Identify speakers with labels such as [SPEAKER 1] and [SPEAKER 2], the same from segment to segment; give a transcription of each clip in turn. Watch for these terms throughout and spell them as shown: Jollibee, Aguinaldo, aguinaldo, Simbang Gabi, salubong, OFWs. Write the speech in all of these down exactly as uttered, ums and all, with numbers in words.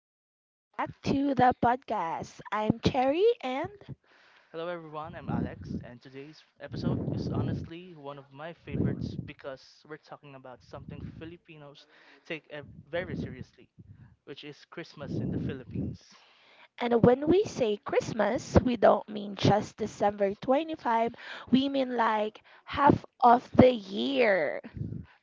[SPEAKER 1] up? Welcome back to the podcast. I'm Cherry, and
[SPEAKER 2] Hello everyone, I'm Alex, and today's episode is honestly one of my favorites because we're talking about something Filipinos take ev- very seriously, which is Christmas in the Philippines.
[SPEAKER 1] and when we say Christmas, we don't mean just December twenty-fifth. We mean like half of the year,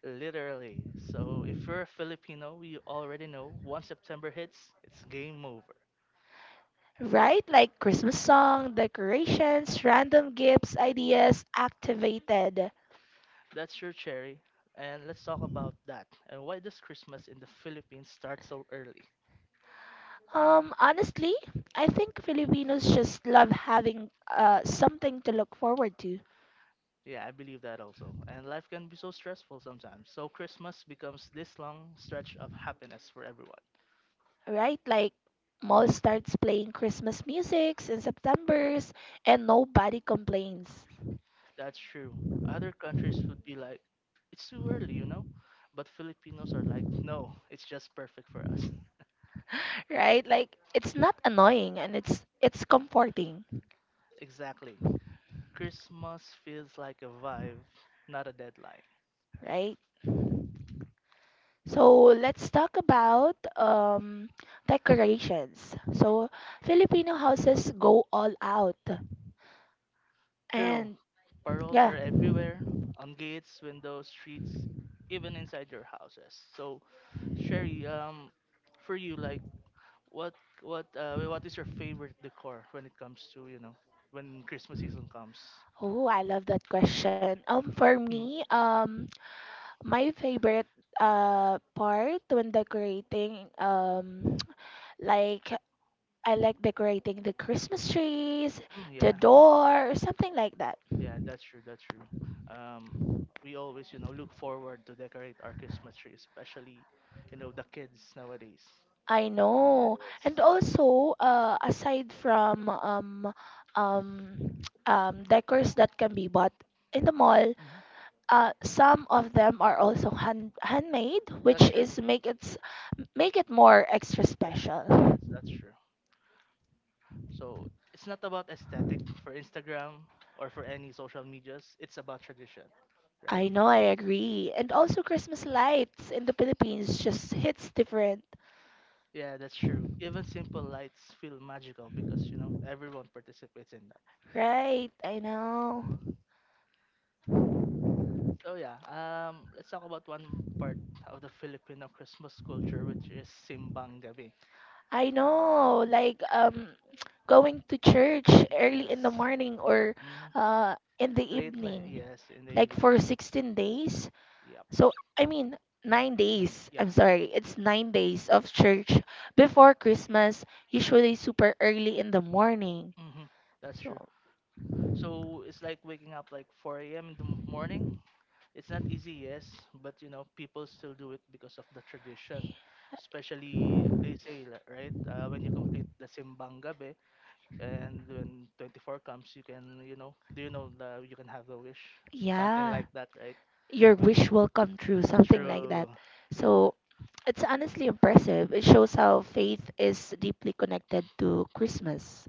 [SPEAKER 2] Literally. So if you're a Filipino, you already know once September hits, it's game over.
[SPEAKER 1] right? Like Christmas song, decorations, random gifts, ideas activated.
[SPEAKER 2] That's your cherry, and let's talk about that and why does Christmas in the Philippines start so early?
[SPEAKER 1] Um, honestly, I think Filipinos just love having uh something to look forward to,
[SPEAKER 2] Yeah, I believe that also. And life can be so stressful sometimes. So Christmas becomes this long stretch of happiness for everyone.
[SPEAKER 1] right? Like mall starts playing Christmas musics in September's and nobody complains,
[SPEAKER 2] That's true. Other countries would be like, it's too early, you know? But Filipinos are like, no, it's just perfect for us.
[SPEAKER 1] right? Like it's not annoying and it's it's comforting,
[SPEAKER 2] Exactly. Christmas feels like a vibe, not a deadline.
[SPEAKER 1] right? So let's talk about um, decorations. So Filipino houses go all out,
[SPEAKER 2] True,
[SPEAKER 1] and
[SPEAKER 2] paroles
[SPEAKER 1] yeah.
[SPEAKER 2] are everywhere on gates, windows, streets, even inside your houses. So, Sherry, um, for you, like, What what uh what is your favorite decor when it comes to, you know, when Christmas season comes?
[SPEAKER 1] Oh, I love that question. Um, for
[SPEAKER 2] Mm,
[SPEAKER 1] me, um, my favorite uh part when decorating um like, I like decorating the Christmas trees,
[SPEAKER 2] mm,
[SPEAKER 1] the
[SPEAKER 2] yeah,
[SPEAKER 1] door, something like that.
[SPEAKER 2] yeah, that's true, that's true. Um, we always, you know, look forward to decorate our Christmas tree, especially, you know, the kids nowadays.
[SPEAKER 1] I know.
[SPEAKER 2] Yes.
[SPEAKER 1] And also uh aside from um um um decors that can be bought in the mall,
[SPEAKER 2] Hmm.
[SPEAKER 1] uh some of them are also hand handmade,
[SPEAKER 2] That's
[SPEAKER 1] which
[SPEAKER 2] true.
[SPEAKER 1] is make it s- make it more extra
[SPEAKER 2] Special. Yes,
[SPEAKER 1] special.
[SPEAKER 2] that's true. So it's not about aesthetic for Instagram or for any social medias. It's about tradition, right?
[SPEAKER 1] I know, I agree. And also, Christmas lights in the Philippines just hits different.
[SPEAKER 2] Yeah, that's true. Even simple lights feel magical because, you know, everyone participates in that.
[SPEAKER 1] Right, I know.
[SPEAKER 2] So yeah, um, let's talk about one part of the Filipino Christmas culture, which is simbang gabi.
[SPEAKER 1] I know. Like, um, going to church early
[SPEAKER 2] Yes.
[SPEAKER 1] in the morning or
[SPEAKER 2] Hmm.
[SPEAKER 1] uh, in the
[SPEAKER 2] Late night.
[SPEAKER 1] evening,
[SPEAKER 2] Yes, in the
[SPEAKER 1] like
[SPEAKER 2] evening.
[SPEAKER 1] for sixteen days.
[SPEAKER 2] Yep.
[SPEAKER 1] So, I mean, nine
[SPEAKER 2] Nine.
[SPEAKER 1] days.
[SPEAKER 2] Yeah.
[SPEAKER 1] I'm sorry. It's nine days of church before Christmas, usually super early in the morning.
[SPEAKER 2] Mm-hmm. That's
[SPEAKER 1] So,
[SPEAKER 2] true. So it's like waking up like four a m in the m- morning. It's not easy, yes, but you know, people still do it because of the tradition. Especially, they say, li- right, uh, when you complete the Simbang Gabi and when twenty-four comes, you can, you know, do you know the you can have the wish. Something
[SPEAKER 1] yeah.
[SPEAKER 2] like that, right?
[SPEAKER 1] Your
[SPEAKER 2] When
[SPEAKER 1] wish will come true, something like
[SPEAKER 2] true,
[SPEAKER 1] that.
[SPEAKER 2] yeah,
[SPEAKER 1] So it's honestly impressive. It shows how faith is deeply connected to Christmas.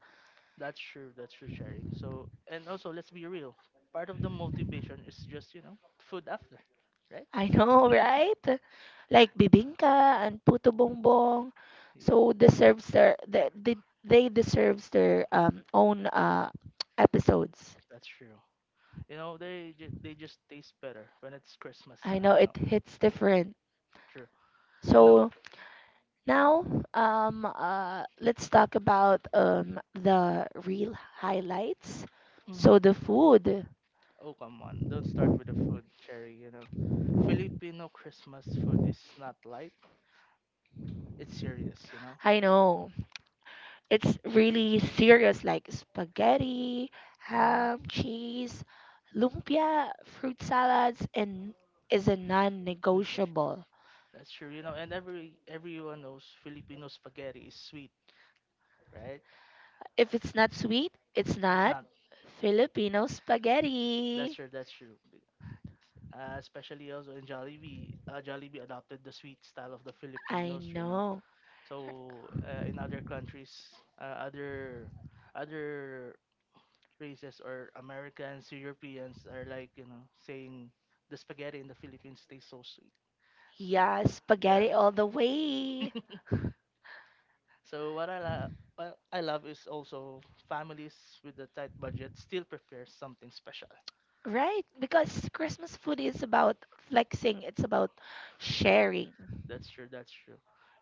[SPEAKER 2] that's true, that's true, Cherry. So, and also, let's be real. Part of the motivation is just, you know, food after, right?
[SPEAKER 1] I know, right? Like bibingka and puto bongbong.
[SPEAKER 2] Yeah.
[SPEAKER 1] So deserves their they they, they deserves their um own uh episodes.
[SPEAKER 2] That's true. You know, they ju- they just taste better when it's Christmas
[SPEAKER 1] I
[SPEAKER 2] time,
[SPEAKER 1] know,
[SPEAKER 2] you know.
[SPEAKER 1] it hits different.
[SPEAKER 2] True. You know,
[SPEAKER 1] So now um uh let's talk about um the real highlights.
[SPEAKER 2] mm,
[SPEAKER 1] So the food.
[SPEAKER 2] oh come on, don't start with the food, Cherry. You know, Filipino Christmas food is not light; it's serious. You know.
[SPEAKER 1] I know. It's really serious, like spaghetti,
[SPEAKER 2] Mm-hmm.
[SPEAKER 1] ham, cheese, lumpia, fruit salads, and is a
[SPEAKER 2] Negosyo.
[SPEAKER 1] non-negotiable.
[SPEAKER 2] That's true. You know, and every everyone knows Filipino spaghetti is sweet, right?
[SPEAKER 1] If it's not sweet, it's
[SPEAKER 2] It's
[SPEAKER 1] not
[SPEAKER 2] not.
[SPEAKER 1] Filipino
[SPEAKER 2] That's
[SPEAKER 1] spaghetti.
[SPEAKER 2] true. That's true. Uh, especially also in Jollibee, uh, Jollibee adopted the sweet style of the
[SPEAKER 1] I
[SPEAKER 2] Filipinos. You know.
[SPEAKER 1] know.
[SPEAKER 2] So uh, in other countries, uh, other other races or Americans, Europeans are like, you know, saying the spaghetti in the Philippines tastes so sweet.
[SPEAKER 1] Yeah,
[SPEAKER 2] Yeah.
[SPEAKER 1] spaghetti all the way.
[SPEAKER 2] So what I love what I love is also families with a tight budget still prepare something special.
[SPEAKER 1] Right? Because Christmas food is about flexing, it's about sharing.
[SPEAKER 2] That's true, that's true.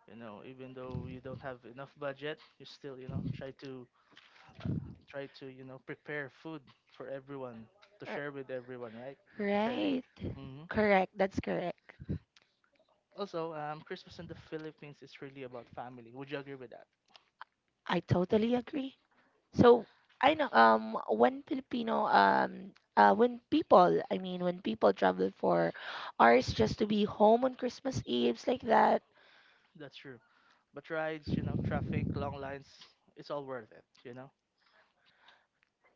[SPEAKER 2] You know, even though you don't have enough budget, you still, you know, try to try to, you know, prepare food for everyone to
[SPEAKER 1] R-
[SPEAKER 2] share with everyone, right? Cherry.
[SPEAKER 1] Right.
[SPEAKER 2] Hmm.
[SPEAKER 1] Correct. That's correct.
[SPEAKER 2] Also, um, Christmas in the Philippines is really about family. Would you agree with that?
[SPEAKER 1] I totally agree. So I know um when Filipino um uh when people I mean when people travel for hours just to be home on Christmas Eves, like that.
[SPEAKER 2] That's true. But rides, you know, traffic, long lines, it's all worth it, you know?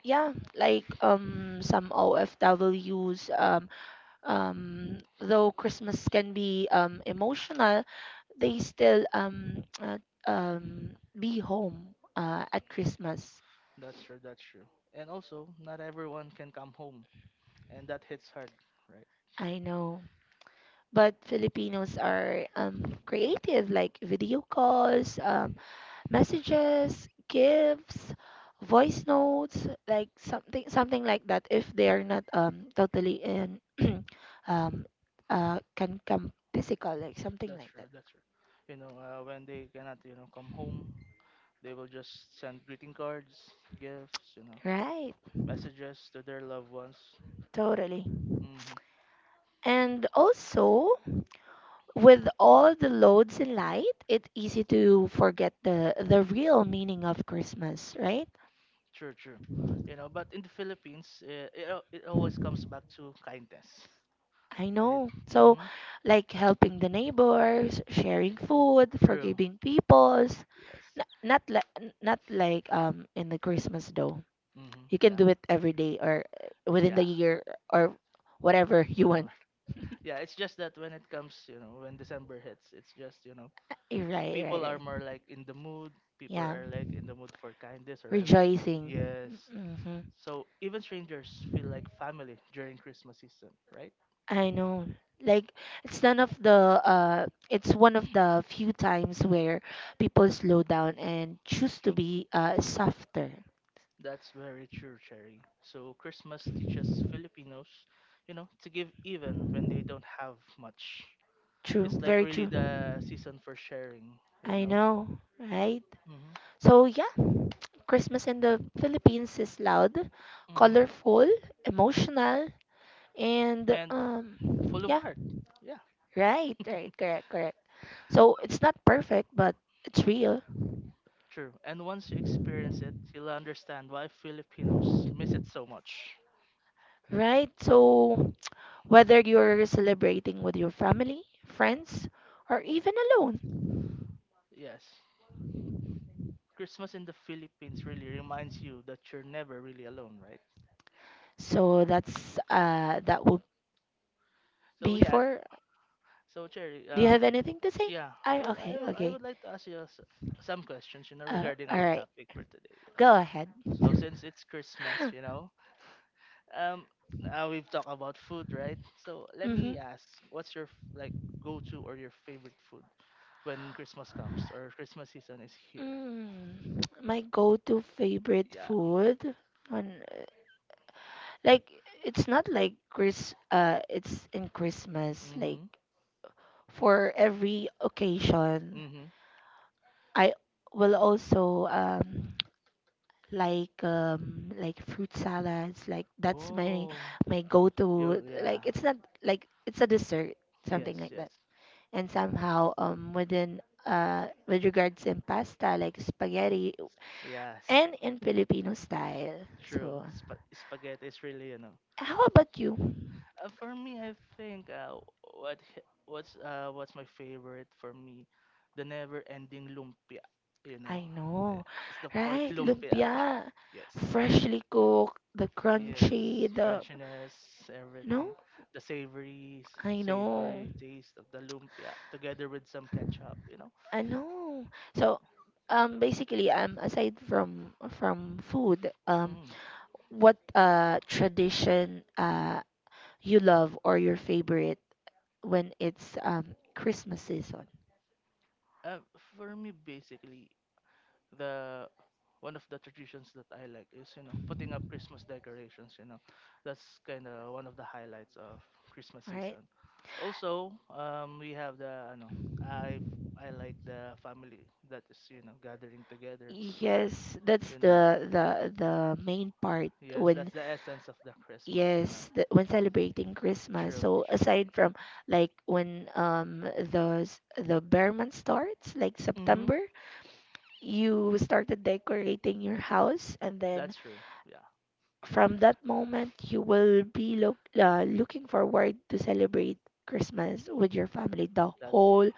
[SPEAKER 1] Yeah, like um some O F Ws um um though Christmas can be um emotional, they still um uh, um be home uh, at Christmas.
[SPEAKER 2] That's true, that's true. And also, not everyone can come home, and that hits hard, right?
[SPEAKER 1] I know, but Filipinos are um creative, like video calls, um, messages, gifts, voice notes, like something something like that. If they are not um totally in um uh can come physical, like something
[SPEAKER 2] That's
[SPEAKER 1] like
[SPEAKER 2] true,
[SPEAKER 1] that.
[SPEAKER 2] that's true. You know, uh, when they cannot, you know, come home, they will just send greeting cards, gifts, you know,
[SPEAKER 1] Right,
[SPEAKER 2] messages to their loved ones.
[SPEAKER 1] totally.
[SPEAKER 2] Hmm.
[SPEAKER 1] And also, with all the loads in light, it's easy to forget the the real meaning of Christmas, right?
[SPEAKER 2] True, true. You know, but in the Philippines, uh, it, al- it always comes back to kindness,
[SPEAKER 1] I
[SPEAKER 2] right?
[SPEAKER 1] know. So,
[SPEAKER 2] Mm-hmm.
[SPEAKER 1] like helping the neighbors, sharing food,
[SPEAKER 2] True.
[SPEAKER 1] forgiving peoples.
[SPEAKER 2] Yes.
[SPEAKER 1] N- not like Not like um in the Christmas though.
[SPEAKER 2] Mm-hmm.
[SPEAKER 1] You can
[SPEAKER 2] Yeah.
[SPEAKER 1] do it every day or uh, within
[SPEAKER 2] Yeah.
[SPEAKER 1] the year or whatever you want.
[SPEAKER 2] Whatever. Yeah. It's just that when it comes, you know, when December hits, it's just you know,
[SPEAKER 1] Right, right,
[SPEAKER 2] people are
[SPEAKER 1] right.
[SPEAKER 2] more like in the mood. People
[SPEAKER 1] Yeah,
[SPEAKER 2] are like in the mood for kindness or ev-
[SPEAKER 1] rejoicing.
[SPEAKER 2] yes.
[SPEAKER 1] Mm-hmm.
[SPEAKER 2] So even strangers feel like family during Christmas season, right?
[SPEAKER 1] I know. Like it's none of the uh it's one of the few times where people slow down and choose to be uh softer.
[SPEAKER 2] That's very true, Cherry. So Christmas teaches Filipinos, you know, to give even when they don't have much.
[SPEAKER 1] True,
[SPEAKER 2] It's like
[SPEAKER 1] very
[SPEAKER 2] really
[SPEAKER 1] true.
[SPEAKER 2] the season for sharing, you
[SPEAKER 1] I
[SPEAKER 2] know.
[SPEAKER 1] know, right?
[SPEAKER 2] Hmm.
[SPEAKER 1] So yeah, Christmas in the Philippines is loud,
[SPEAKER 2] Hmm.
[SPEAKER 1] colorful, emotional,
[SPEAKER 2] And
[SPEAKER 1] and
[SPEAKER 2] And
[SPEAKER 1] um
[SPEAKER 2] full of
[SPEAKER 1] yeah.
[SPEAKER 2] heart. Yeah,
[SPEAKER 1] Right, right, correct, correct. So it's not perfect, but it's real,
[SPEAKER 2] true. And once you experience it, you'll understand why Filipinos miss it so much.
[SPEAKER 1] right? So whether you're celebrating with your family, friends, or even alone.
[SPEAKER 2] Yes. Christmas in the Philippines really reminds you that you're never really alone, right?
[SPEAKER 1] So that's uh that would
[SPEAKER 2] So
[SPEAKER 1] be
[SPEAKER 2] yeah,
[SPEAKER 1] for.
[SPEAKER 2] so Cherry,
[SPEAKER 1] Do you
[SPEAKER 2] um,
[SPEAKER 1] have anything to say?
[SPEAKER 2] Yeah, I
[SPEAKER 1] I
[SPEAKER 2] would I,
[SPEAKER 1] Okay,
[SPEAKER 2] w- I
[SPEAKER 1] okay.
[SPEAKER 2] would like to ask you s- some questions, you know,
[SPEAKER 1] Uh,
[SPEAKER 2] regarding
[SPEAKER 1] all
[SPEAKER 2] our
[SPEAKER 1] right,
[SPEAKER 2] topic for today.
[SPEAKER 1] go ahead.
[SPEAKER 2] So since it's Christmas, you know, um, uh, we've talked about food, right? So let
[SPEAKER 1] Mm-hmm.
[SPEAKER 2] me ask, what's your f- like go-to or your favorite food when Christmas comes or Christmas season is here?
[SPEAKER 1] Mm, my go-to favorite
[SPEAKER 2] Yeah.
[SPEAKER 1] food on, like it's not like Chris uh it's in Christmas, like
[SPEAKER 2] Mhm.
[SPEAKER 1] for every occasion
[SPEAKER 2] Mhm.
[SPEAKER 1] I will also um like um like fruit salads, like that's my
[SPEAKER 2] Oh.
[SPEAKER 1] my
[SPEAKER 2] Yo.
[SPEAKER 1] go-to,
[SPEAKER 2] Yeah.
[SPEAKER 1] like it's not like it's a dessert, something
[SPEAKER 2] Yes.
[SPEAKER 1] like
[SPEAKER 2] Yes.
[SPEAKER 1] that, and somehow um within uh with regards in pasta, like spaghetti
[SPEAKER 2] Yes,
[SPEAKER 1] and in Filipino style.
[SPEAKER 2] true.
[SPEAKER 1] So
[SPEAKER 2] Sp- spaghetti is really, you know.
[SPEAKER 1] how about you?
[SPEAKER 2] Uh, for me, I think uh, what h- what's uh what's my favorite for me, the never-ending lumpia. You know,
[SPEAKER 1] I
[SPEAKER 2] Uh,
[SPEAKER 1] know,
[SPEAKER 2] it's the pork
[SPEAKER 1] right?
[SPEAKER 2] lumpia.
[SPEAKER 1] Lumpia,
[SPEAKER 2] Yes,
[SPEAKER 1] freshly cooked, the
[SPEAKER 2] yes,
[SPEAKER 1] crunchy, the
[SPEAKER 2] crunchiness,
[SPEAKER 1] no,
[SPEAKER 2] everything, the savory
[SPEAKER 1] I know,
[SPEAKER 2] savory taste of the lumpia together with some ketchup. You know.
[SPEAKER 1] I know. So, um, basically, um, aside from from food, um,
[SPEAKER 2] Mm.
[SPEAKER 1] what uh tradition uh you love or your favorite when it's um Christmas season.
[SPEAKER 2] Uh, for me, basically, the one of the traditions that I like is you know putting up Christmas decorations. You know, that's kind of one of the highlights of Christmas
[SPEAKER 1] Right?
[SPEAKER 2] season. Also, um, we have the you know I f- I like the family that is you know gathering together.
[SPEAKER 1] Yes, that's
[SPEAKER 2] You know,
[SPEAKER 1] the the the main part
[SPEAKER 2] yes,
[SPEAKER 1] when
[SPEAKER 2] that's the essence of the Christmas. You know,
[SPEAKER 1] yes, the, when celebrating Christmas.
[SPEAKER 2] true,
[SPEAKER 1] So
[SPEAKER 2] true.
[SPEAKER 1] aside from, like when um the s- the bear month starts, like
[SPEAKER 2] Mhm,
[SPEAKER 1] September, you started decorating your house, and then
[SPEAKER 2] that's true. Yeah,
[SPEAKER 1] from that moment you will be look uh, looking forward to celebrate Christmas with your family the
[SPEAKER 2] that's
[SPEAKER 1] whole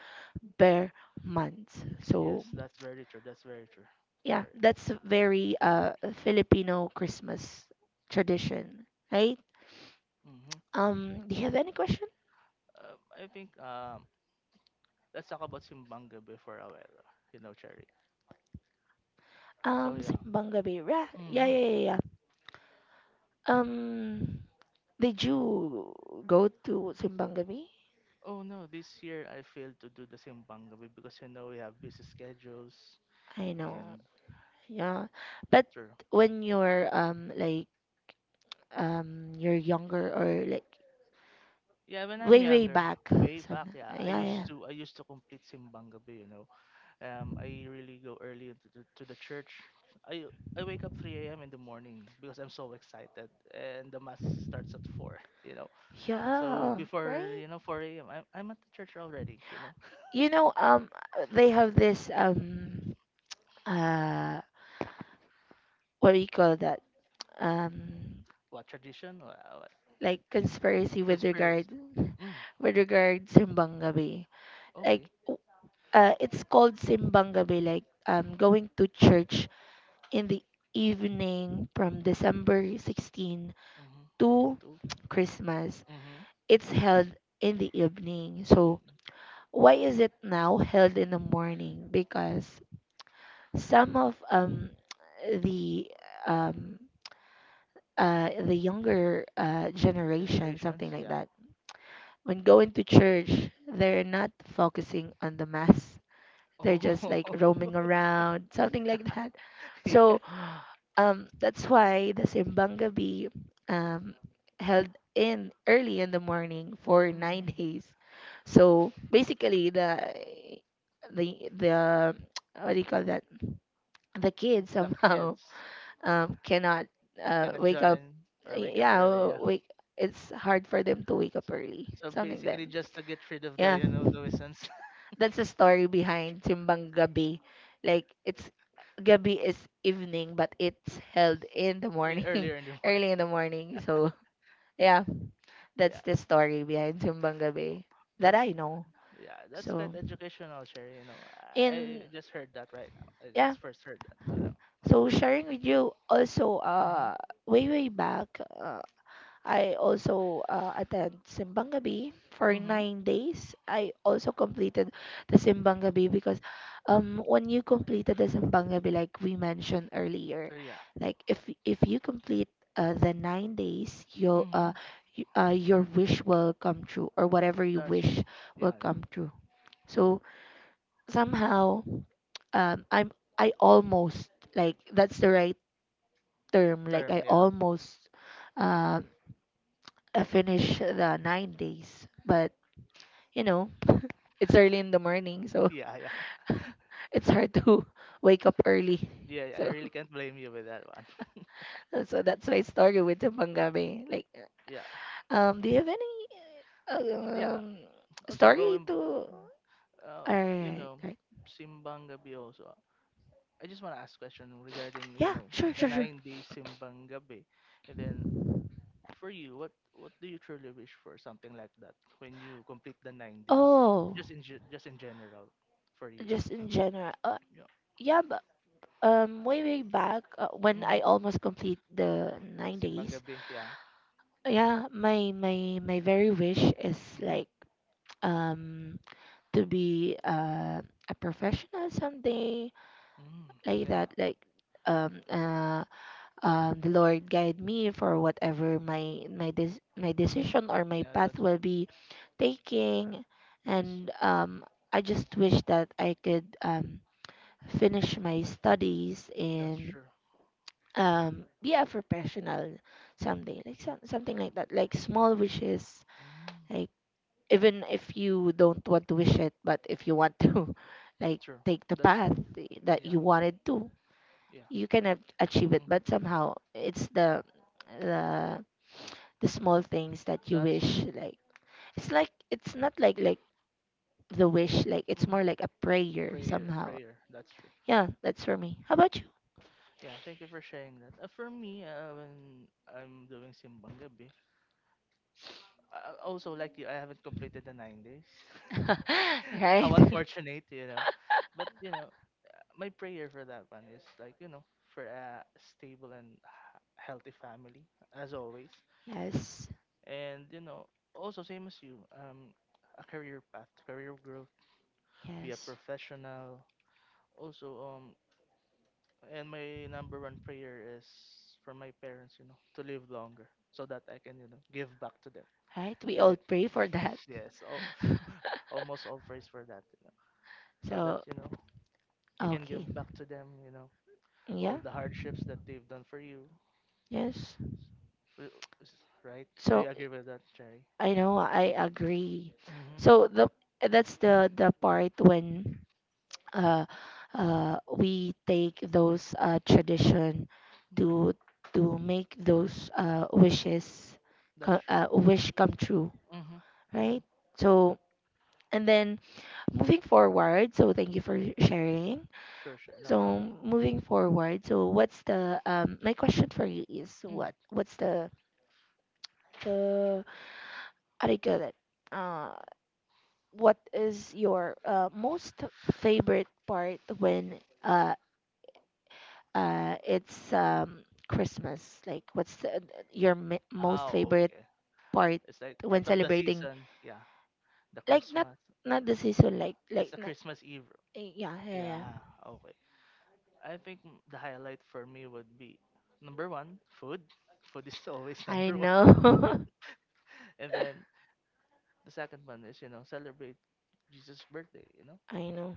[SPEAKER 1] bear month.
[SPEAKER 2] Yes,
[SPEAKER 1] So
[SPEAKER 2] that's very true. That's very true,
[SPEAKER 1] yeah,
[SPEAKER 2] Cherry.
[SPEAKER 1] that's a very uh Filipino Christmas tradition, right?
[SPEAKER 2] Mm-hmm.
[SPEAKER 1] Um, do you have any question?
[SPEAKER 2] Um, I think um, let's talk about Simbang Gabi for a while, uh, you know, Cherry. So
[SPEAKER 1] Um,
[SPEAKER 2] yeah.
[SPEAKER 1] Simbang Gabi. Yeah, yeah,
[SPEAKER 2] Mm-hmm.
[SPEAKER 1] yeah, yeah, yeah. Um, did you go to Simbang Gabi?
[SPEAKER 2] Oh no, this year I failed to do the Simbang Gabi because you know we have busy schedules
[SPEAKER 1] I know.
[SPEAKER 2] and yeah,
[SPEAKER 1] Yeah, but
[SPEAKER 2] true.
[SPEAKER 1] when you're um like um you're younger, or like
[SPEAKER 2] Yeah, when I'm
[SPEAKER 1] way way
[SPEAKER 2] younger,
[SPEAKER 1] back,
[SPEAKER 2] way
[SPEAKER 1] some
[SPEAKER 2] back, yeah, I
[SPEAKER 1] yeah
[SPEAKER 2] used
[SPEAKER 1] yeah
[SPEAKER 2] to I used to complete Simbang Gabi, you know. Um, I really go early into the, to the church. I I wake up three a m in the morning because I'm so excited, and the mass starts at four. You know, so
[SPEAKER 1] yeah
[SPEAKER 2] before
[SPEAKER 1] right.
[SPEAKER 2] you know four a m. I'm I'm at the church already. You know,
[SPEAKER 1] You know um they have this um uh what do you call that, um
[SPEAKER 2] what tradition? What, what
[SPEAKER 1] like conspiracy with regard
[SPEAKER 2] conspiracy? Mm,
[SPEAKER 1] with regard simbang gabi, like
[SPEAKER 2] okay.
[SPEAKER 1] w- uh it's called simbang gabi, like um going to church in the evening from December sixteenth
[SPEAKER 2] Mm-hmm.
[SPEAKER 1] to
[SPEAKER 2] Two.
[SPEAKER 1] Christmas.
[SPEAKER 2] Mm-hmm.
[SPEAKER 1] It's held in the evening, so
[SPEAKER 2] Mm,
[SPEAKER 1] why is it now held in the morning? Because some of um, the um, uh, the younger uh, generation, something
[SPEAKER 2] generations.
[SPEAKER 1] like
[SPEAKER 2] Yeah.
[SPEAKER 1] that, when going to church, they're not focusing on the mass. They're just like
[SPEAKER 2] Oh.
[SPEAKER 1] roaming around, something like that.
[SPEAKER 2] yeah.
[SPEAKER 1] So um, that's why the Simbang Gabi um, held in early in the morning for nine
[SPEAKER 2] Mm.
[SPEAKER 1] days. So basically, the the the what do you call that? The kids
[SPEAKER 2] The
[SPEAKER 1] somehow
[SPEAKER 2] kids
[SPEAKER 1] um cannot uh
[SPEAKER 2] cannot
[SPEAKER 1] wake up,
[SPEAKER 2] join or wake up
[SPEAKER 1] yeah
[SPEAKER 2] early.
[SPEAKER 1] w-
[SPEAKER 2] Yeah.
[SPEAKER 1] wake, it's hard for them to wake up early,
[SPEAKER 2] So
[SPEAKER 1] something then
[SPEAKER 2] basically, just to get rid of the
[SPEAKER 1] yeah,
[SPEAKER 2] you know nuisance.
[SPEAKER 1] that's the story behind Simbang Gabi. Like it's Gabi is evening, but it's held in the
[SPEAKER 2] In-
[SPEAKER 1] morning,
[SPEAKER 2] earlier in the morning.
[SPEAKER 1] early in the morning. So yeah,
[SPEAKER 2] Yeah,
[SPEAKER 1] that's the story behind Simbang Gabi that
[SPEAKER 2] that's
[SPEAKER 1] I know.
[SPEAKER 2] yeah, that's quite
[SPEAKER 1] So
[SPEAKER 2] educational, Sherry. You know, I
[SPEAKER 1] in
[SPEAKER 2] just heard that right now. I
[SPEAKER 1] yeah,
[SPEAKER 2] just first heard that. You
[SPEAKER 1] so sharing with you also uh way way back, uh, I also uh, attend Simbang Gabi for
[SPEAKER 2] know. Mhm. Mhm.
[SPEAKER 1] nine days. I also completed the Simbang Gabi because um, when you completed the Simbang Gabi, like we mentioned earlier,
[SPEAKER 2] Uh, yeah.
[SPEAKER 1] like if if you complete uh, the nine days, you'll uh,
[SPEAKER 2] Mhm.
[SPEAKER 1] you, uh, your wish will come true, or whatever you
[SPEAKER 2] That's true.
[SPEAKER 1] wish
[SPEAKER 2] Yeah,
[SPEAKER 1] will
[SPEAKER 2] yeah.
[SPEAKER 1] come true. So somehow um I'm I almost, like that's the right term, like
[SPEAKER 2] Term.
[SPEAKER 1] I
[SPEAKER 2] Yeah.
[SPEAKER 1] almost um uh, finish the nine days. But, you know, it's early in the morning, so
[SPEAKER 2] Yeah, yeah,
[SPEAKER 1] it's hard to wake up early.
[SPEAKER 2] yeah. I
[SPEAKER 1] So,
[SPEAKER 2] really can't blame you with that one.
[SPEAKER 1] so that's my story with Timpangabe. Like,
[SPEAKER 2] Yeah,
[SPEAKER 1] um, do you have any uh,
[SPEAKER 2] yeah.
[SPEAKER 1] um
[SPEAKER 2] Also
[SPEAKER 1] story
[SPEAKER 2] going back,
[SPEAKER 1] to?
[SPEAKER 2] uh, you
[SPEAKER 1] Alright,
[SPEAKER 2] know,
[SPEAKER 1] right.
[SPEAKER 2] Simbang Gabi also. I just want to ask question regarding you
[SPEAKER 1] Yeah,
[SPEAKER 2] know
[SPEAKER 1] sure,
[SPEAKER 2] the
[SPEAKER 1] sure, sure.
[SPEAKER 2] nine days Simbang Gabi, and then for you, what what do you truly wish for something like that when you complete the nine days?
[SPEAKER 1] Oh,
[SPEAKER 2] Just in ge- just in general, for you.
[SPEAKER 1] just in general. Uh,
[SPEAKER 2] Yeah.
[SPEAKER 1] yeah, but um, way way back uh, when
[SPEAKER 2] Hmm.
[SPEAKER 1] I almost complete the nine
[SPEAKER 2] Simbang
[SPEAKER 1] days,
[SPEAKER 2] Gabi. Yeah.
[SPEAKER 1] yeah my my my very wish is
[SPEAKER 2] Hmm.
[SPEAKER 1] like um to be uh, a professional someday,
[SPEAKER 2] Hmm.
[SPEAKER 1] like
[SPEAKER 2] Yeah.
[SPEAKER 1] that, like um uh um the Lord guide me for whatever my my des- my
[SPEAKER 2] Hmm.
[SPEAKER 1] decision or my
[SPEAKER 2] Yeah.
[SPEAKER 1] path
[SPEAKER 2] That's
[SPEAKER 1] will be taking,
[SPEAKER 2] yes.
[SPEAKER 1] and um I just wish that I could um finish my studies
[SPEAKER 2] That's
[SPEAKER 1] and
[SPEAKER 2] true.
[SPEAKER 1] um be a professional someday, like
[SPEAKER 2] Mm.
[SPEAKER 1] some, something like that, like
[SPEAKER 2] Yeah.
[SPEAKER 1] small wishes,
[SPEAKER 2] Mm.
[SPEAKER 1] like even if you don't want to wish it, but if you want to, like,
[SPEAKER 2] True.
[SPEAKER 1] take the
[SPEAKER 2] That's true.
[SPEAKER 1] path that
[SPEAKER 2] Yeah.
[SPEAKER 1] you wanted to,
[SPEAKER 2] Yeah.
[SPEAKER 1] you can a- achieve it.
[SPEAKER 2] Hmm.
[SPEAKER 1] But somehow, it's the the the small things that you
[SPEAKER 2] That's true.
[SPEAKER 1] wish. Like, it's like it's not like like the wish. Like, it's
[SPEAKER 2] Mm.
[SPEAKER 1] more like a prayer
[SPEAKER 2] Prayer,
[SPEAKER 1] somehow.
[SPEAKER 2] prayer. That's true.
[SPEAKER 1] Yeah, that's for me. How about you?
[SPEAKER 2] Yeah, thank you for sharing that. Uh, for me, uh, when I'm doing simbang gabi, I I also like you, I haven't completed the nine days.
[SPEAKER 1] Right?
[SPEAKER 2] How unfortunate, you know. But you know, my prayer for that one is like you know for a stable and h- healthy family as always,
[SPEAKER 1] Yes.
[SPEAKER 2] and you know also same as you, um a career path, career growth, be a
[SPEAKER 1] Yes.
[SPEAKER 2] professional also, um and my number one prayer is for my parents you know to live longer so that I can you know give back to them,
[SPEAKER 1] Right? We all
[SPEAKER 2] right?
[SPEAKER 1] pray for that.
[SPEAKER 2] Yes, all, almost all praise for that you know, so that
[SPEAKER 1] So,
[SPEAKER 2] you know you can give
[SPEAKER 1] okay.
[SPEAKER 2] back to them you know all
[SPEAKER 1] Yeah.
[SPEAKER 2] the hardships that they've done for you.
[SPEAKER 1] Yes.
[SPEAKER 2] Wi- is- right. Do you
[SPEAKER 1] So,
[SPEAKER 2] agree with that, Jerry?
[SPEAKER 1] I
[SPEAKER 2] Yeah.
[SPEAKER 1] know, I agree.
[SPEAKER 2] Hmm.
[SPEAKER 1] So the that's the the part when uh uh we take those uh tradition to to make those uh wishes
[SPEAKER 2] That's
[SPEAKER 1] co-
[SPEAKER 2] true.
[SPEAKER 1] uh wish come true,
[SPEAKER 2] Mm-hmm. Mm-hmm.
[SPEAKER 1] right? So and then moving forward, so thank you for sharing.
[SPEAKER 2] Sure, sure. No
[SPEAKER 1] So
[SPEAKER 2] problem.
[SPEAKER 1] moving forward, so what's the um my question for you is, what
[SPEAKER 2] Mm.
[SPEAKER 1] what's the, the how do you call it? Uh what is your uh, most favorite part when uh uh it's um Christmas? Like what's the, your m- most
[SPEAKER 2] Oh,
[SPEAKER 1] favorite
[SPEAKER 2] okay.
[SPEAKER 1] part
[SPEAKER 2] It's like part
[SPEAKER 1] when
[SPEAKER 2] of the
[SPEAKER 1] celebrating,
[SPEAKER 2] season. Yeah. The
[SPEAKER 1] like not,
[SPEAKER 2] Christmas.
[SPEAKER 1] not the season, like
[SPEAKER 2] It's
[SPEAKER 1] like
[SPEAKER 2] the
[SPEAKER 1] not,
[SPEAKER 2] Christmas Eve.
[SPEAKER 1] eh, yeah yeah yeah.
[SPEAKER 2] Yeah. Okay. I think m- the highlight for me would be number one, food. Food is always
[SPEAKER 1] I
[SPEAKER 2] number one.
[SPEAKER 1] know.
[SPEAKER 2] And then the second one is, you know, celebrate Jesus' birthday, you know?
[SPEAKER 1] I know.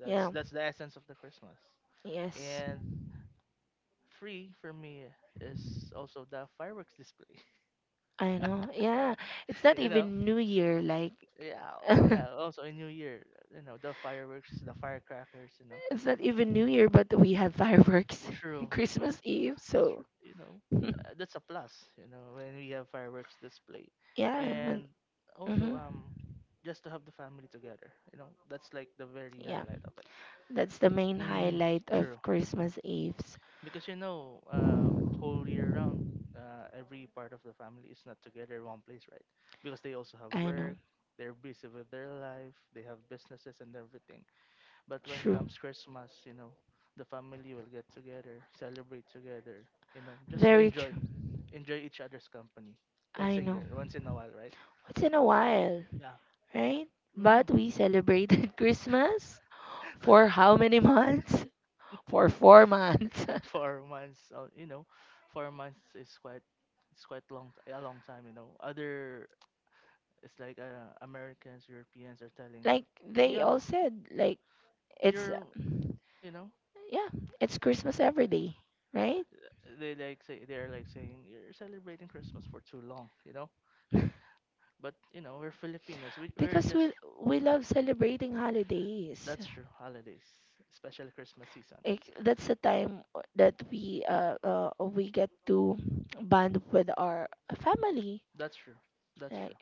[SPEAKER 2] That's
[SPEAKER 1] Yeah.
[SPEAKER 2] that's the essence of the Christmas.
[SPEAKER 1] Yes.
[SPEAKER 2] And free for me is also the fireworks display.
[SPEAKER 1] I know. Yeah. It's not
[SPEAKER 2] you know?
[SPEAKER 1] even New Year like
[SPEAKER 2] Yeah, well,
[SPEAKER 1] it's
[SPEAKER 2] yeah. Also in New Year, you know, the fireworks, the firecrackers, you know.
[SPEAKER 1] not even New Year but we had fireworks
[SPEAKER 2] True.
[SPEAKER 1] Christmas Eve. So,
[SPEAKER 2] Tr- You know, uh, that's a plus, you know, when we have fireworks display.
[SPEAKER 1] yeah. When,
[SPEAKER 2] And also
[SPEAKER 1] hmm
[SPEAKER 2] um just to have the family together, you know. That's like the very
[SPEAKER 1] yeah.
[SPEAKER 2] highlight of it.
[SPEAKER 1] That's the main
[SPEAKER 2] Mm,
[SPEAKER 1] highlight of
[SPEAKER 2] true.
[SPEAKER 1] Christmas Eves.
[SPEAKER 2] Because you know, uh, whole year round, uh, every part of the family is not together in one place, right? Because they also have
[SPEAKER 1] I know.
[SPEAKER 2] work, they're busy with their life, they have businesses and everything. But when
[SPEAKER 1] True.
[SPEAKER 2] comes Christmas, you know, the family will get together, celebrate together, you know, just to
[SPEAKER 1] Very
[SPEAKER 2] enjoy,
[SPEAKER 1] true.
[SPEAKER 2] enjoy each other's company once
[SPEAKER 1] I
[SPEAKER 2] a
[SPEAKER 1] know.
[SPEAKER 2] year, once in a while, right?
[SPEAKER 1] Once in a while.
[SPEAKER 2] Yeah.
[SPEAKER 1] Right?
[SPEAKER 2] Hmm.
[SPEAKER 1] But we celebrated Christmas for how many months? For four months.
[SPEAKER 2] Four months. Uh, you know, four months is quite, it's quite long, t- a long time, you know. Other, It's like uh, Americans, Europeans are telling,
[SPEAKER 1] Like they
[SPEAKER 2] yeah,
[SPEAKER 1] all said, like it's
[SPEAKER 2] you're, you know,
[SPEAKER 1] yeah, it's Christmas every day, right?
[SPEAKER 2] they like say they're like saying you're celebrating Christmas for too long, you know. But you know, we're Filipinos. We we're
[SPEAKER 1] Because
[SPEAKER 2] just.
[SPEAKER 1] we we love celebrating holidays.
[SPEAKER 2] That's true. Holidays, especially Christmas season.
[SPEAKER 1] Ex- that's the time that we uh, uh we get to bond with our family.
[SPEAKER 2] That's true. That's
[SPEAKER 1] Right?
[SPEAKER 2] true.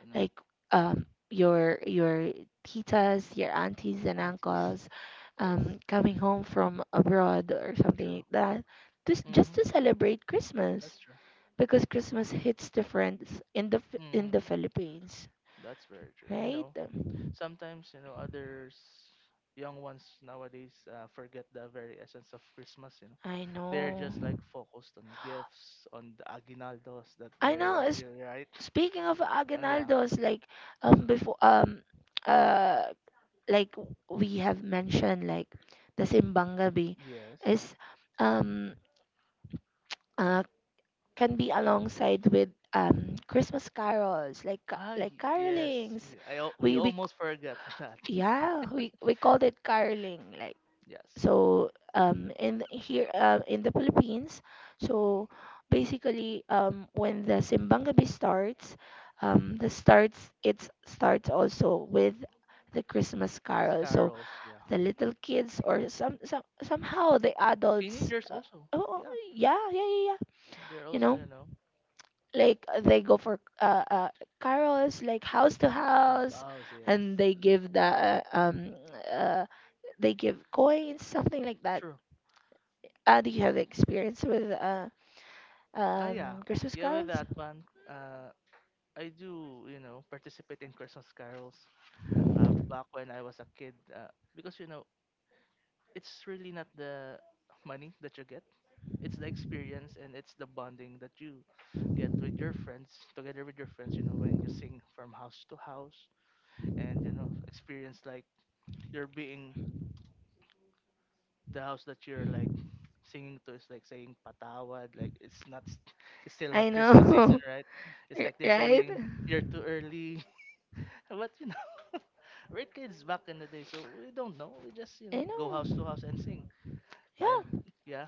[SPEAKER 2] You know,
[SPEAKER 1] Like um your your titas, your aunties and
[SPEAKER 2] aunties.
[SPEAKER 1] uncles
[SPEAKER 2] Yes,
[SPEAKER 1] um coming home from abroad or something
[SPEAKER 2] true.
[SPEAKER 1] like that, just just
[SPEAKER 2] Mhm.
[SPEAKER 1] to celebrate Christmas,
[SPEAKER 2] That's true.
[SPEAKER 1] because Christmas hits different s- in the Ph- in
[SPEAKER 2] Mhm.
[SPEAKER 1] the Philippines,
[SPEAKER 2] That's very true. You
[SPEAKER 1] right?
[SPEAKER 2] know, sometimes you know others, young ones nowadays uh, forget the very essence of Christmas. You know,
[SPEAKER 1] I
[SPEAKER 2] they're
[SPEAKER 1] know.
[SPEAKER 2] just like focused on gifts, on the aguinaldos that
[SPEAKER 1] I know.
[SPEAKER 2] they're.
[SPEAKER 1] It's,
[SPEAKER 2] Yeah, right.
[SPEAKER 1] speaking of
[SPEAKER 2] Uh, yeah.
[SPEAKER 1] Aguinaldos, like um before um uh like w- we have mentioned, like, the simbang gabi
[SPEAKER 2] Yes.
[SPEAKER 1] is um uh, can be alongside with um christmas carols like ca-
[SPEAKER 2] Ah,
[SPEAKER 1] like
[SPEAKER 2] y- yes.
[SPEAKER 1] carolings.
[SPEAKER 2] I al- we
[SPEAKER 1] We we
[SPEAKER 2] almost forgot that.
[SPEAKER 1] Yeah, we we called it caroling. Like,
[SPEAKER 2] Yes.
[SPEAKER 1] so um in here, uh, in the Philippines, so basically um when the simbang gabi starts, um the starts it starts also with the Christmas carol. So
[SPEAKER 2] Scarrels, yeah.
[SPEAKER 1] the little kids or some, some somehow the adults,
[SPEAKER 2] Teenagers
[SPEAKER 1] uh...
[SPEAKER 2] also.
[SPEAKER 1] Oh,
[SPEAKER 2] Yeah,
[SPEAKER 1] yeah yeah yeah yeah
[SPEAKER 2] they're
[SPEAKER 1] you
[SPEAKER 2] also,
[SPEAKER 1] know,
[SPEAKER 2] you know,
[SPEAKER 1] like uh, they go for uh, uh carols like house to house,
[SPEAKER 2] hostiles, yes.
[SPEAKER 1] and they give the uh, um uh, they give coins, something like that.
[SPEAKER 2] True.
[SPEAKER 1] Uh, do you have experience with uh
[SPEAKER 2] Ah, yeah.
[SPEAKER 1] um christmas
[SPEAKER 2] Yeah, with
[SPEAKER 1] carols?
[SPEAKER 2] that one, uh, I do, you know, participate in Christmas carols, uh, back when I was a kid, uh, because, you know, it's really not the money that you get. It's the experience and it's the bonding that you get with your friends together with your friends you know when you sing from house to house. And you know experience, like you're being the house that you're like singing to is like saying patawad, like it's not s- it's still
[SPEAKER 1] I
[SPEAKER 2] not Christmas season,
[SPEAKER 1] know.
[SPEAKER 2] right? It's
[SPEAKER 1] R-
[SPEAKER 2] like they're
[SPEAKER 1] right.
[SPEAKER 2] saying you're too early. but you know We're kids back in the day, so we don't know, we just you
[SPEAKER 1] I
[SPEAKER 2] know go house to
[SPEAKER 1] know.
[SPEAKER 2] house and sing. And
[SPEAKER 1] Yeah,
[SPEAKER 2] yeah,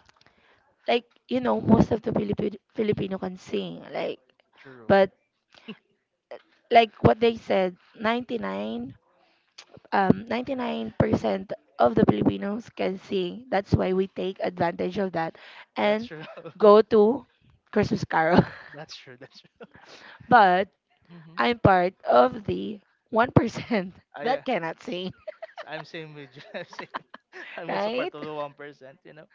[SPEAKER 1] like, you know, most of the Filipino Filipino can sing, like,
[SPEAKER 2] true.
[SPEAKER 1] but like what they said, ninety-nine, um, ninety-nine percent of the Filipinos can sing. That's why we take advantage of that
[SPEAKER 2] That's
[SPEAKER 1] and
[SPEAKER 2] true.
[SPEAKER 1] go to Christmas carol.
[SPEAKER 2] That's true. That's true.
[SPEAKER 1] But
[SPEAKER 2] Hmm.
[SPEAKER 1] I'm part of the one percent
[SPEAKER 2] I uh,
[SPEAKER 1] that cannot sing.
[SPEAKER 2] s- I'm same with you. I'm same. I'm also
[SPEAKER 1] Right.
[SPEAKER 2] part of the one percent, you know.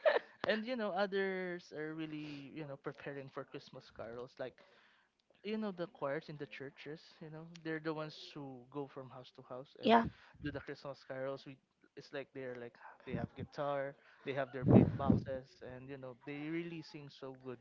[SPEAKER 2] And you know, others are really, you know, preparing for Christmas carols. Like you know, the choirs in the churches, you know, they're the ones who go from house to house and
[SPEAKER 1] Yeah,
[SPEAKER 2] do the Christmas carols. We it's like they're like they have guitar, they have their beat boxes, and you know, they really sing so good.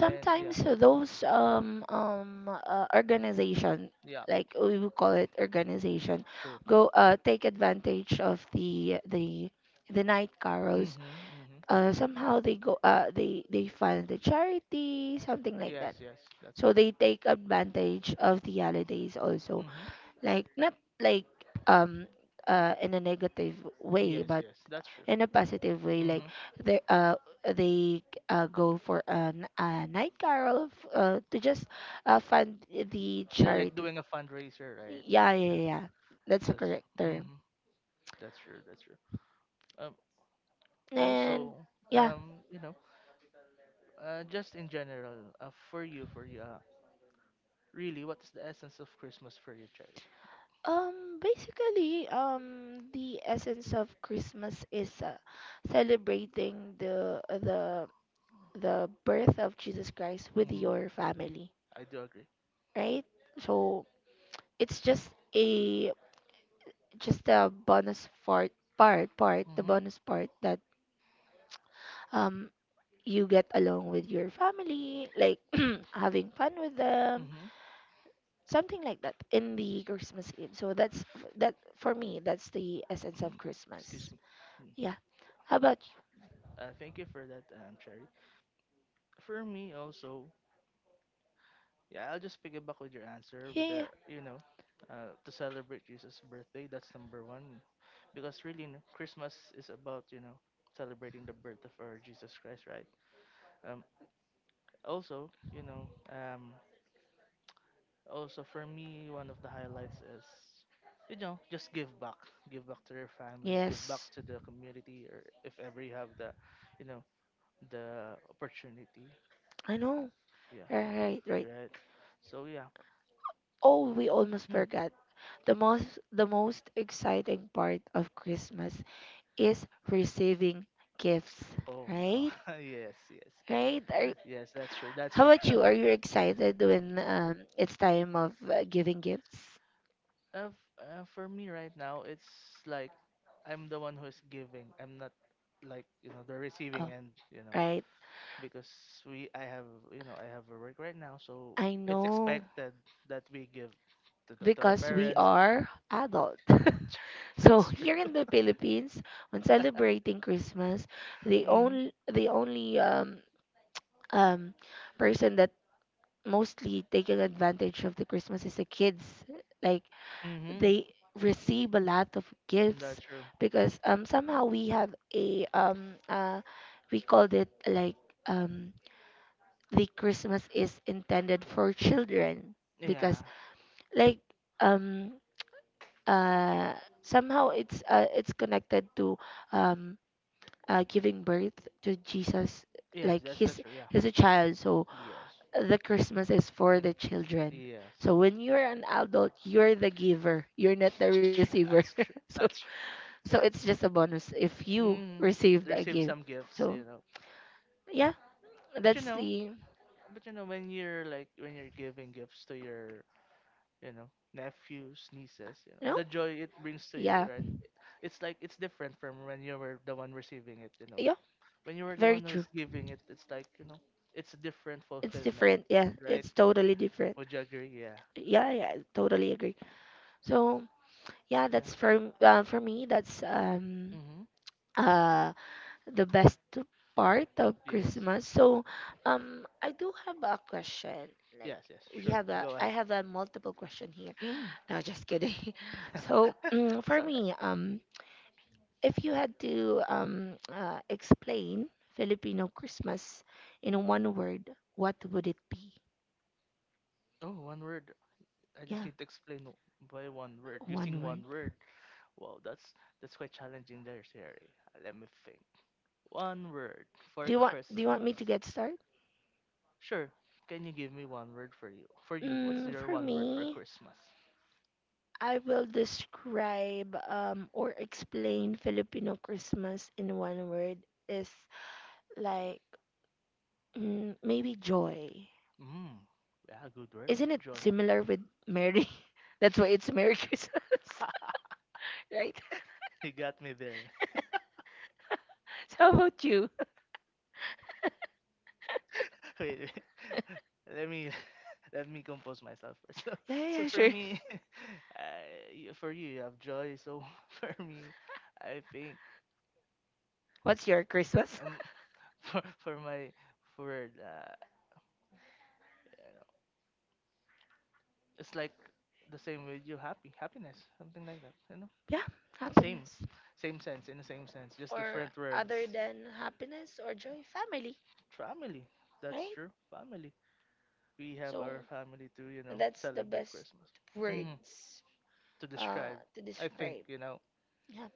[SPEAKER 2] And yeah,
[SPEAKER 1] those um um uh, organization,
[SPEAKER 2] yeah,
[SPEAKER 1] like, we would call it organization,
[SPEAKER 2] true.
[SPEAKER 1] go uh take advantage of the the the night carols.
[SPEAKER 2] Mhm, mhm.
[SPEAKER 1] Uh, somehow they go uh they they fund the charity, something like
[SPEAKER 2] Yes,
[SPEAKER 1] that.
[SPEAKER 2] yes, that's
[SPEAKER 1] So
[SPEAKER 2] true.
[SPEAKER 1] they take advantage of the holidays also,
[SPEAKER 2] Mhm.
[SPEAKER 1] like, not like um uh in a negative way,
[SPEAKER 2] Yes,
[SPEAKER 1] but
[SPEAKER 2] yes, that's true.
[SPEAKER 1] in a positive way. Like
[SPEAKER 2] Mhm.
[SPEAKER 1] they uh, they uh, go for an, a night carol, f- uh, to just, uh, fund the
[SPEAKER 2] They're like
[SPEAKER 1] charity.
[SPEAKER 2] doing a fundraiser, right?
[SPEAKER 1] Yeah, yeah,
[SPEAKER 2] Yeah,
[SPEAKER 1] yeah, yeah. That's the
[SPEAKER 2] that's
[SPEAKER 1] correct term.
[SPEAKER 2] hmm that's true. That's true. Um,
[SPEAKER 1] And
[SPEAKER 2] Also,
[SPEAKER 1] yeah,
[SPEAKER 2] um, you know, uh, just in general, uh, for you, for you, uh, really, what is the essence of Christmas for you, Cherry?
[SPEAKER 1] um, basically, um, the essence of Christmas is, uh, celebrating the the the birth of Jesus Christ with
[SPEAKER 2] Mm-hmm.
[SPEAKER 1] your
[SPEAKER 2] Mm-hmm,
[SPEAKER 1] family,
[SPEAKER 2] I do agree.
[SPEAKER 1] right? So it's just a, just the bonus part part part the
[SPEAKER 2] Mm-hmm.
[SPEAKER 1] bonus part that um you get along with your family, like, having fun with them,
[SPEAKER 2] Mm-hmm.
[SPEAKER 1] something like that, in the christmas eve. So that's, that for me, that's the essence
[SPEAKER 2] mm,
[SPEAKER 1] of
[SPEAKER 2] Excuse
[SPEAKER 1] christmas.
[SPEAKER 2] me. Mm.
[SPEAKER 1] Yeah, how about you?
[SPEAKER 2] Uh, thank you for that, um, Cherry. For me, also, yeah, I'll just piggyback with your answer with
[SPEAKER 1] Yeah, yeah.
[SPEAKER 2] the you know, uh, to celebrate Jesus' birthday. That's number one, because really, you know, Christmas is about you know celebrating the birth of our Jesus Christ, right? Um, Also, you know um also for me, one of the highlights is you know just give back, give back to your family, give back,
[SPEAKER 1] Yes,
[SPEAKER 2] yes, to the community, or if ever you have the you know the opportunity,
[SPEAKER 1] I know.
[SPEAKER 2] yeah,
[SPEAKER 1] Right, right.
[SPEAKER 2] right. So yeah.
[SPEAKER 1] Oh, we almost
[SPEAKER 2] Mm.
[SPEAKER 1] forgot, the most the most exciting part of christmas is receiving gifts.
[SPEAKER 2] Oh no.
[SPEAKER 1] Right.
[SPEAKER 2] Yes, yes,
[SPEAKER 1] Right? Are,
[SPEAKER 2] yes. Yes, that's true. That's
[SPEAKER 1] how about
[SPEAKER 2] true.
[SPEAKER 1] you? Are you excited when, um, it's time of, uh, giving gifts?
[SPEAKER 2] Uh, f- uh, for me right now, it's like I'm the one who's giving. I'm not like you know the receiving
[SPEAKER 1] Oh,
[SPEAKER 2] end. You know,
[SPEAKER 1] right.
[SPEAKER 2] because we I have you know I have a work right now, so
[SPEAKER 1] I
[SPEAKER 2] it's
[SPEAKER 1] know,
[SPEAKER 2] expected that we give to the, to our
[SPEAKER 1] because we
[SPEAKER 2] parents.
[SPEAKER 1] are adult. So
[SPEAKER 2] That's
[SPEAKER 1] here
[SPEAKER 2] true.
[SPEAKER 1] in the Philippines, when celebrating Christmas, the
[SPEAKER 2] Mhm.
[SPEAKER 1] only the only um um person that mostly taking advantage of the Christmas is the kids. Like,
[SPEAKER 2] Mhm.
[SPEAKER 1] they receive a lot of
[SPEAKER 2] That's
[SPEAKER 1] gifts
[SPEAKER 2] true.
[SPEAKER 1] because um somehow we have a um uh we called it, like, um, the christmas is intended for children, because,
[SPEAKER 2] Yeah.
[SPEAKER 1] like, um uh somehow it's, uh, it's connected to um, uh, giving birth to jesus.
[SPEAKER 2] Yes,
[SPEAKER 1] Like,
[SPEAKER 2] that's that's
[SPEAKER 1] he's
[SPEAKER 2] true. Yeah.
[SPEAKER 1] he's a child, so
[SPEAKER 2] Yes.
[SPEAKER 1] the christmas is for
[SPEAKER 2] Mm,
[SPEAKER 1] the children.
[SPEAKER 2] Yes.
[SPEAKER 1] So when you're an adult, you're the giver, you're not the
[SPEAKER 2] Tr-
[SPEAKER 1] receiver.
[SPEAKER 2] That's true.
[SPEAKER 1] So,
[SPEAKER 2] That's true.
[SPEAKER 1] so it's just a bonus if you
[SPEAKER 2] Mm.
[SPEAKER 1] received a
[SPEAKER 2] Receive
[SPEAKER 1] gift.
[SPEAKER 2] some gifts, you
[SPEAKER 1] So
[SPEAKER 2] know.
[SPEAKER 1] yeah,
[SPEAKER 2] But you
[SPEAKER 1] that's the,
[SPEAKER 2] know,
[SPEAKER 1] you
[SPEAKER 2] but you know, when you're like when you're giving gifts to your, you know, nephews, nieces, you know,
[SPEAKER 1] know.
[SPEAKER 2] the joy it brings to you,
[SPEAKER 1] Yeah,
[SPEAKER 2] right? It's like it's different from when you were the one receiving it, you know.
[SPEAKER 1] yeah,
[SPEAKER 2] When you were the
[SPEAKER 1] very
[SPEAKER 2] one who
[SPEAKER 1] true.
[SPEAKER 2] is giving it, it's like, you know, it's a different
[SPEAKER 1] It's
[SPEAKER 2] fulfillment,
[SPEAKER 1] different. Yeah,
[SPEAKER 2] right?
[SPEAKER 1] it's totally different.
[SPEAKER 2] Would you agree? Yeah.
[SPEAKER 1] Yeah, yeah, I totally agree. So yeah,
[SPEAKER 2] Yeah.
[SPEAKER 1] that's for m- uh, for me. That's um,
[SPEAKER 2] Mhm.
[SPEAKER 1] uh, the best part of
[SPEAKER 2] Yes.
[SPEAKER 1] Christmas. So, um, I do have a question. Like,
[SPEAKER 2] Yes, yes,
[SPEAKER 1] we
[SPEAKER 2] sure.
[SPEAKER 1] have a,
[SPEAKER 2] Go
[SPEAKER 1] I
[SPEAKER 2] ahead.
[SPEAKER 1] have a multiple question here.
[SPEAKER 2] Mm.
[SPEAKER 1] No, just kidding. So,
[SPEAKER 2] It's
[SPEAKER 1] for
[SPEAKER 2] alright.
[SPEAKER 1] me, um, if you had to um uh, explain Filipino Christmas in one word, what would it be?
[SPEAKER 2] Oh, one word. I just
[SPEAKER 1] Yeah,
[SPEAKER 2] need to explain wh- why one word.
[SPEAKER 1] one
[SPEAKER 2] Using one
[SPEAKER 1] word.
[SPEAKER 2] word. Wow, that's that's quite challenging there, Siri. Let me think. One word for
[SPEAKER 1] Do you want Do you want me
[SPEAKER 2] Christmas.
[SPEAKER 1] to get started?
[SPEAKER 2] Sure. Can you give me one word for you? For you, what's
[SPEAKER 1] Mm,
[SPEAKER 2] your
[SPEAKER 1] for
[SPEAKER 2] one word for
[SPEAKER 1] me,
[SPEAKER 2] Christmas?
[SPEAKER 1] I will describe, um, or explain Filipino Christmas in one word is, like, mm, maybe joy.
[SPEAKER 2] Mm. Yeah, good word.
[SPEAKER 1] Isn't it
[SPEAKER 2] Joy.
[SPEAKER 1] similar with Mary? That's why it's Merry Christmas, right?
[SPEAKER 2] you got me there.
[SPEAKER 1] So how about you?
[SPEAKER 2] Wait, wait. Let me Let me compose myself first. So,
[SPEAKER 1] Yeah, yeah,
[SPEAKER 2] so
[SPEAKER 1] yeah,
[SPEAKER 2] for
[SPEAKER 1] sure.
[SPEAKER 2] me, I, for you, you have joy. So, for me, I think,
[SPEAKER 1] What's your Christmas?
[SPEAKER 2] um, for for my for uh, you know, it's like the same with you, happy, happiness, something like that. You know,
[SPEAKER 1] Yeah,
[SPEAKER 2] same,
[SPEAKER 1] happiness.
[SPEAKER 2] same sense in the same sense, just
[SPEAKER 1] Or
[SPEAKER 2] different words.
[SPEAKER 1] other than happiness or joy, family,
[SPEAKER 2] Family, that's
[SPEAKER 1] right?
[SPEAKER 2] true. Family. We have
[SPEAKER 1] So
[SPEAKER 2] our family to you know
[SPEAKER 1] that's the
[SPEAKER 2] celebrate
[SPEAKER 1] best
[SPEAKER 2] Christmas. Hmm.
[SPEAKER 1] words,
[SPEAKER 2] To
[SPEAKER 1] uh,
[SPEAKER 2] describe,
[SPEAKER 1] to
[SPEAKER 2] I think,
[SPEAKER 1] describe.
[SPEAKER 2] you know
[SPEAKER 1] Yeah.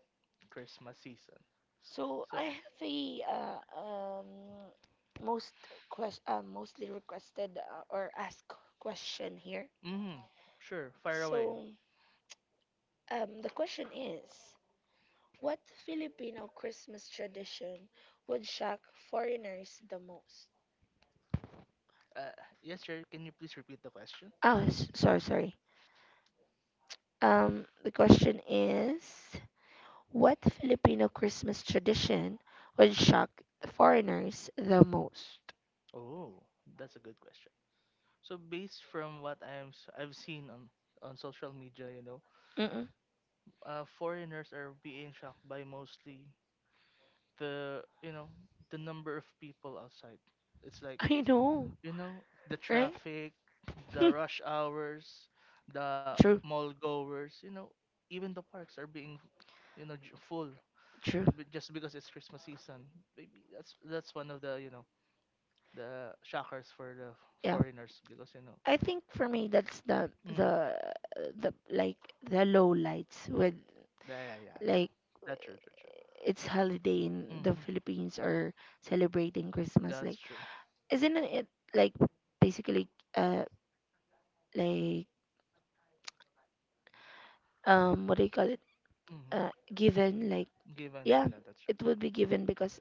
[SPEAKER 2] Christmas season.
[SPEAKER 1] So I
[SPEAKER 2] So,
[SPEAKER 1] have a uh, um, most quest uh, mostly requested, uh, or asked question here.
[SPEAKER 2] mm, sure, fire away.
[SPEAKER 1] So um, the question is, what Filipino Christmas tradition would shock foreigners the most?
[SPEAKER 2] Uh, yes, sir. Can you please repeat the question?
[SPEAKER 1] Oh, s- sorry, sorry. Um, the question is, what Filipino Christmas tradition would shock foreigners the most?
[SPEAKER 2] Oh, that's a good question. So, based from what I'm, s- I've seen on on social media, you know,
[SPEAKER 1] Mm-mm.
[SPEAKER 2] uh, foreigners are being shocked by mostly the, you know, the number of people outside. It's like,
[SPEAKER 1] I know.
[SPEAKER 2] you know, the
[SPEAKER 1] Right?
[SPEAKER 2] traffic, the rush hours,
[SPEAKER 1] Hmm.
[SPEAKER 2] the
[SPEAKER 1] True,
[SPEAKER 2] mall goers, you know, even the parks are being, you know, j- full,
[SPEAKER 1] true.
[SPEAKER 2] b- just because it's Christmas season. Maybe that's that's one of the you know the shockers for the
[SPEAKER 1] Yeah.
[SPEAKER 2] foreigners because you know.
[SPEAKER 1] I think for me that's the
[SPEAKER 2] Mm,
[SPEAKER 1] the the, like, the low lights with,
[SPEAKER 2] yeah, yeah, yeah, yeah.
[SPEAKER 1] like,
[SPEAKER 2] That's true, true, true.
[SPEAKER 1] it's holiday in the
[SPEAKER 2] Hmm.
[SPEAKER 1] Philippines, or celebrating Christmas,
[SPEAKER 2] That's
[SPEAKER 1] like,
[SPEAKER 2] true.
[SPEAKER 1] isn't it, like, basically, uh, like, um, what do you call it,
[SPEAKER 2] Hmm.
[SPEAKER 1] uh, given, like,
[SPEAKER 2] Given, yeah,
[SPEAKER 1] yeah,
[SPEAKER 2] yeah, that's true.
[SPEAKER 1] it would be given because,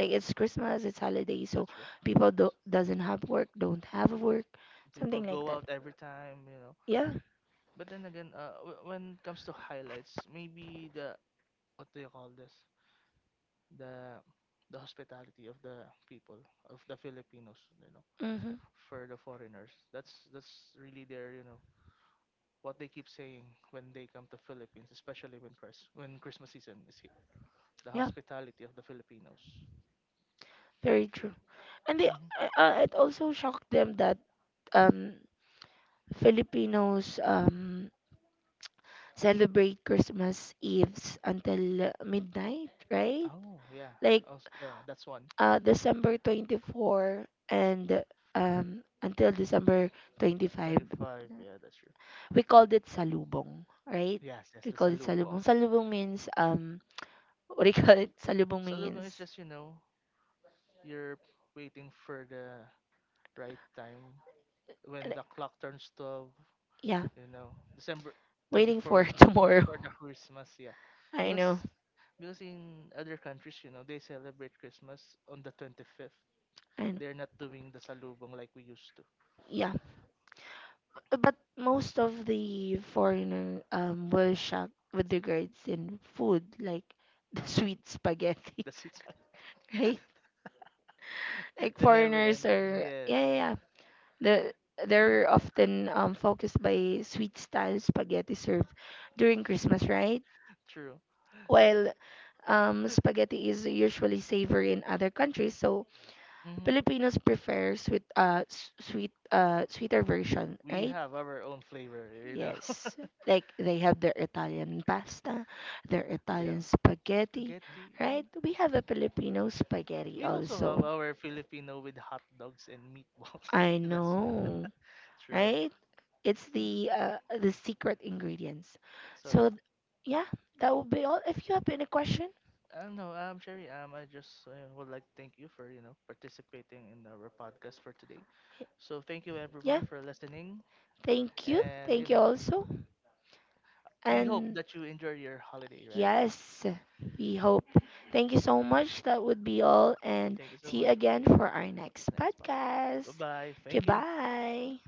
[SPEAKER 2] Yeah,
[SPEAKER 1] it's christmas, it's holiday, so
[SPEAKER 2] that's true.
[SPEAKER 1] people do doesn't have work, don't have work,
[SPEAKER 2] People
[SPEAKER 1] something like
[SPEAKER 2] go
[SPEAKER 1] that.
[SPEAKER 2] out every time, you know.
[SPEAKER 1] Yeah.
[SPEAKER 2] But then again, uh, w- when it comes to highlights, maybe the what do you call this? The the hospitality of the people of the Filipinos, you know.
[SPEAKER 1] Mm-hmm.
[SPEAKER 2] For the foreigners. That's that's really their you know what they keep saying when they come to Philippines, especially when Chris when Christmas season is here. The
[SPEAKER 1] Yeah,
[SPEAKER 2] hospitality of the Filipinos.
[SPEAKER 1] very true. And they,
[SPEAKER 2] Hmm.
[SPEAKER 1] uh, uh, it also shocked them that um filipinos um celebrate christmas eves until midnight, right?
[SPEAKER 2] Oh yeah,
[SPEAKER 1] Like,
[SPEAKER 2] also yeah, that's one.
[SPEAKER 1] uh, December twenty-fourth and, um, until December twenty-fifth.
[SPEAKER 2] Twenty-five. Yeah, that's true.
[SPEAKER 1] We called it salubong, right?
[SPEAKER 2] Yes, yes,
[SPEAKER 1] We
[SPEAKER 2] the
[SPEAKER 1] called it
[SPEAKER 2] salubong.
[SPEAKER 1] salubong. Salubong means, um, what do you call it? Salubong
[SPEAKER 2] Salubong is
[SPEAKER 1] means,
[SPEAKER 2] just you know you're waiting for the right time when the clock turns twelve o'clock,
[SPEAKER 1] yeah,
[SPEAKER 2] you know December
[SPEAKER 1] waiting for
[SPEAKER 2] 24
[SPEAKER 1] tomorrow.
[SPEAKER 2] for the Christmas. Yeah,
[SPEAKER 1] I
[SPEAKER 2] because
[SPEAKER 1] know,
[SPEAKER 2] because in other countries, you know they celebrate Christmas on the twenty-fifth.
[SPEAKER 1] I know.
[SPEAKER 2] They're not doing the salubong like we used to.
[SPEAKER 1] Yeah. But most of the foreigner um were shocked with regards in food, like, the
[SPEAKER 2] Number,
[SPEAKER 1] sweet spaghetti.
[SPEAKER 2] that's it.
[SPEAKER 1] Right. Like,
[SPEAKER 2] The never
[SPEAKER 1] foreigners
[SPEAKER 2] ending,
[SPEAKER 1] are,
[SPEAKER 2] yes.
[SPEAKER 1] yeah, yeah, yeah, the they're often um focused by sweet style spaghetti served during christmas, right,
[SPEAKER 2] True.
[SPEAKER 1] while um spaghetti is usually savory in other countries, so
[SPEAKER 2] Hmm.
[SPEAKER 1] Filipinos prefer sweet, uh, s- sweet, uh, sweeter version,
[SPEAKER 2] We
[SPEAKER 1] right?
[SPEAKER 2] have our own flavor you know
[SPEAKER 1] Yes, like they have their Italian pasta, their Italian
[SPEAKER 2] Yeah,
[SPEAKER 1] spaghetti,
[SPEAKER 2] spaghetti.
[SPEAKER 1] right? We have a Filipino spaghetti
[SPEAKER 2] We also
[SPEAKER 1] also.
[SPEAKER 2] have our Filipino with hot dogs and meatballs.
[SPEAKER 1] I
[SPEAKER 2] That's
[SPEAKER 1] know,
[SPEAKER 2] true.
[SPEAKER 1] right? It's
[SPEAKER 2] So,
[SPEAKER 1] the uh, the secret ingredients.
[SPEAKER 2] so yeah.
[SPEAKER 1] So, th- yeah, that would be all. If you have any question,
[SPEAKER 2] Um, no, um, Sherry, um, I just uh, would like to thank you for, you know, participating in our podcast for today. So thank you
[SPEAKER 1] yeah,
[SPEAKER 2] everyone for listening.
[SPEAKER 1] thank you,
[SPEAKER 2] And, you
[SPEAKER 1] thank you
[SPEAKER 2] know,
[SPEAKER 1] also.
[SPEAKER 2] we hope
[SPEAKER 1] And
[SPEAKER 2] that you enjoy your holiday, right?
[SPEAKER 1] yes, we hope. Thank you so much. That would be all. And
[SPEAKER 2] Thank you so
[SPEAKER 1] see you
[SPEAKER 2] much.
[SPEAKER 1] again for our next
[SPEAKER 2] Next, bye.
[SPEAKER 1] podcast.
[SPEAKER 2] Bye-bye. Thank you.
[SPEAKER 1] Goodbye.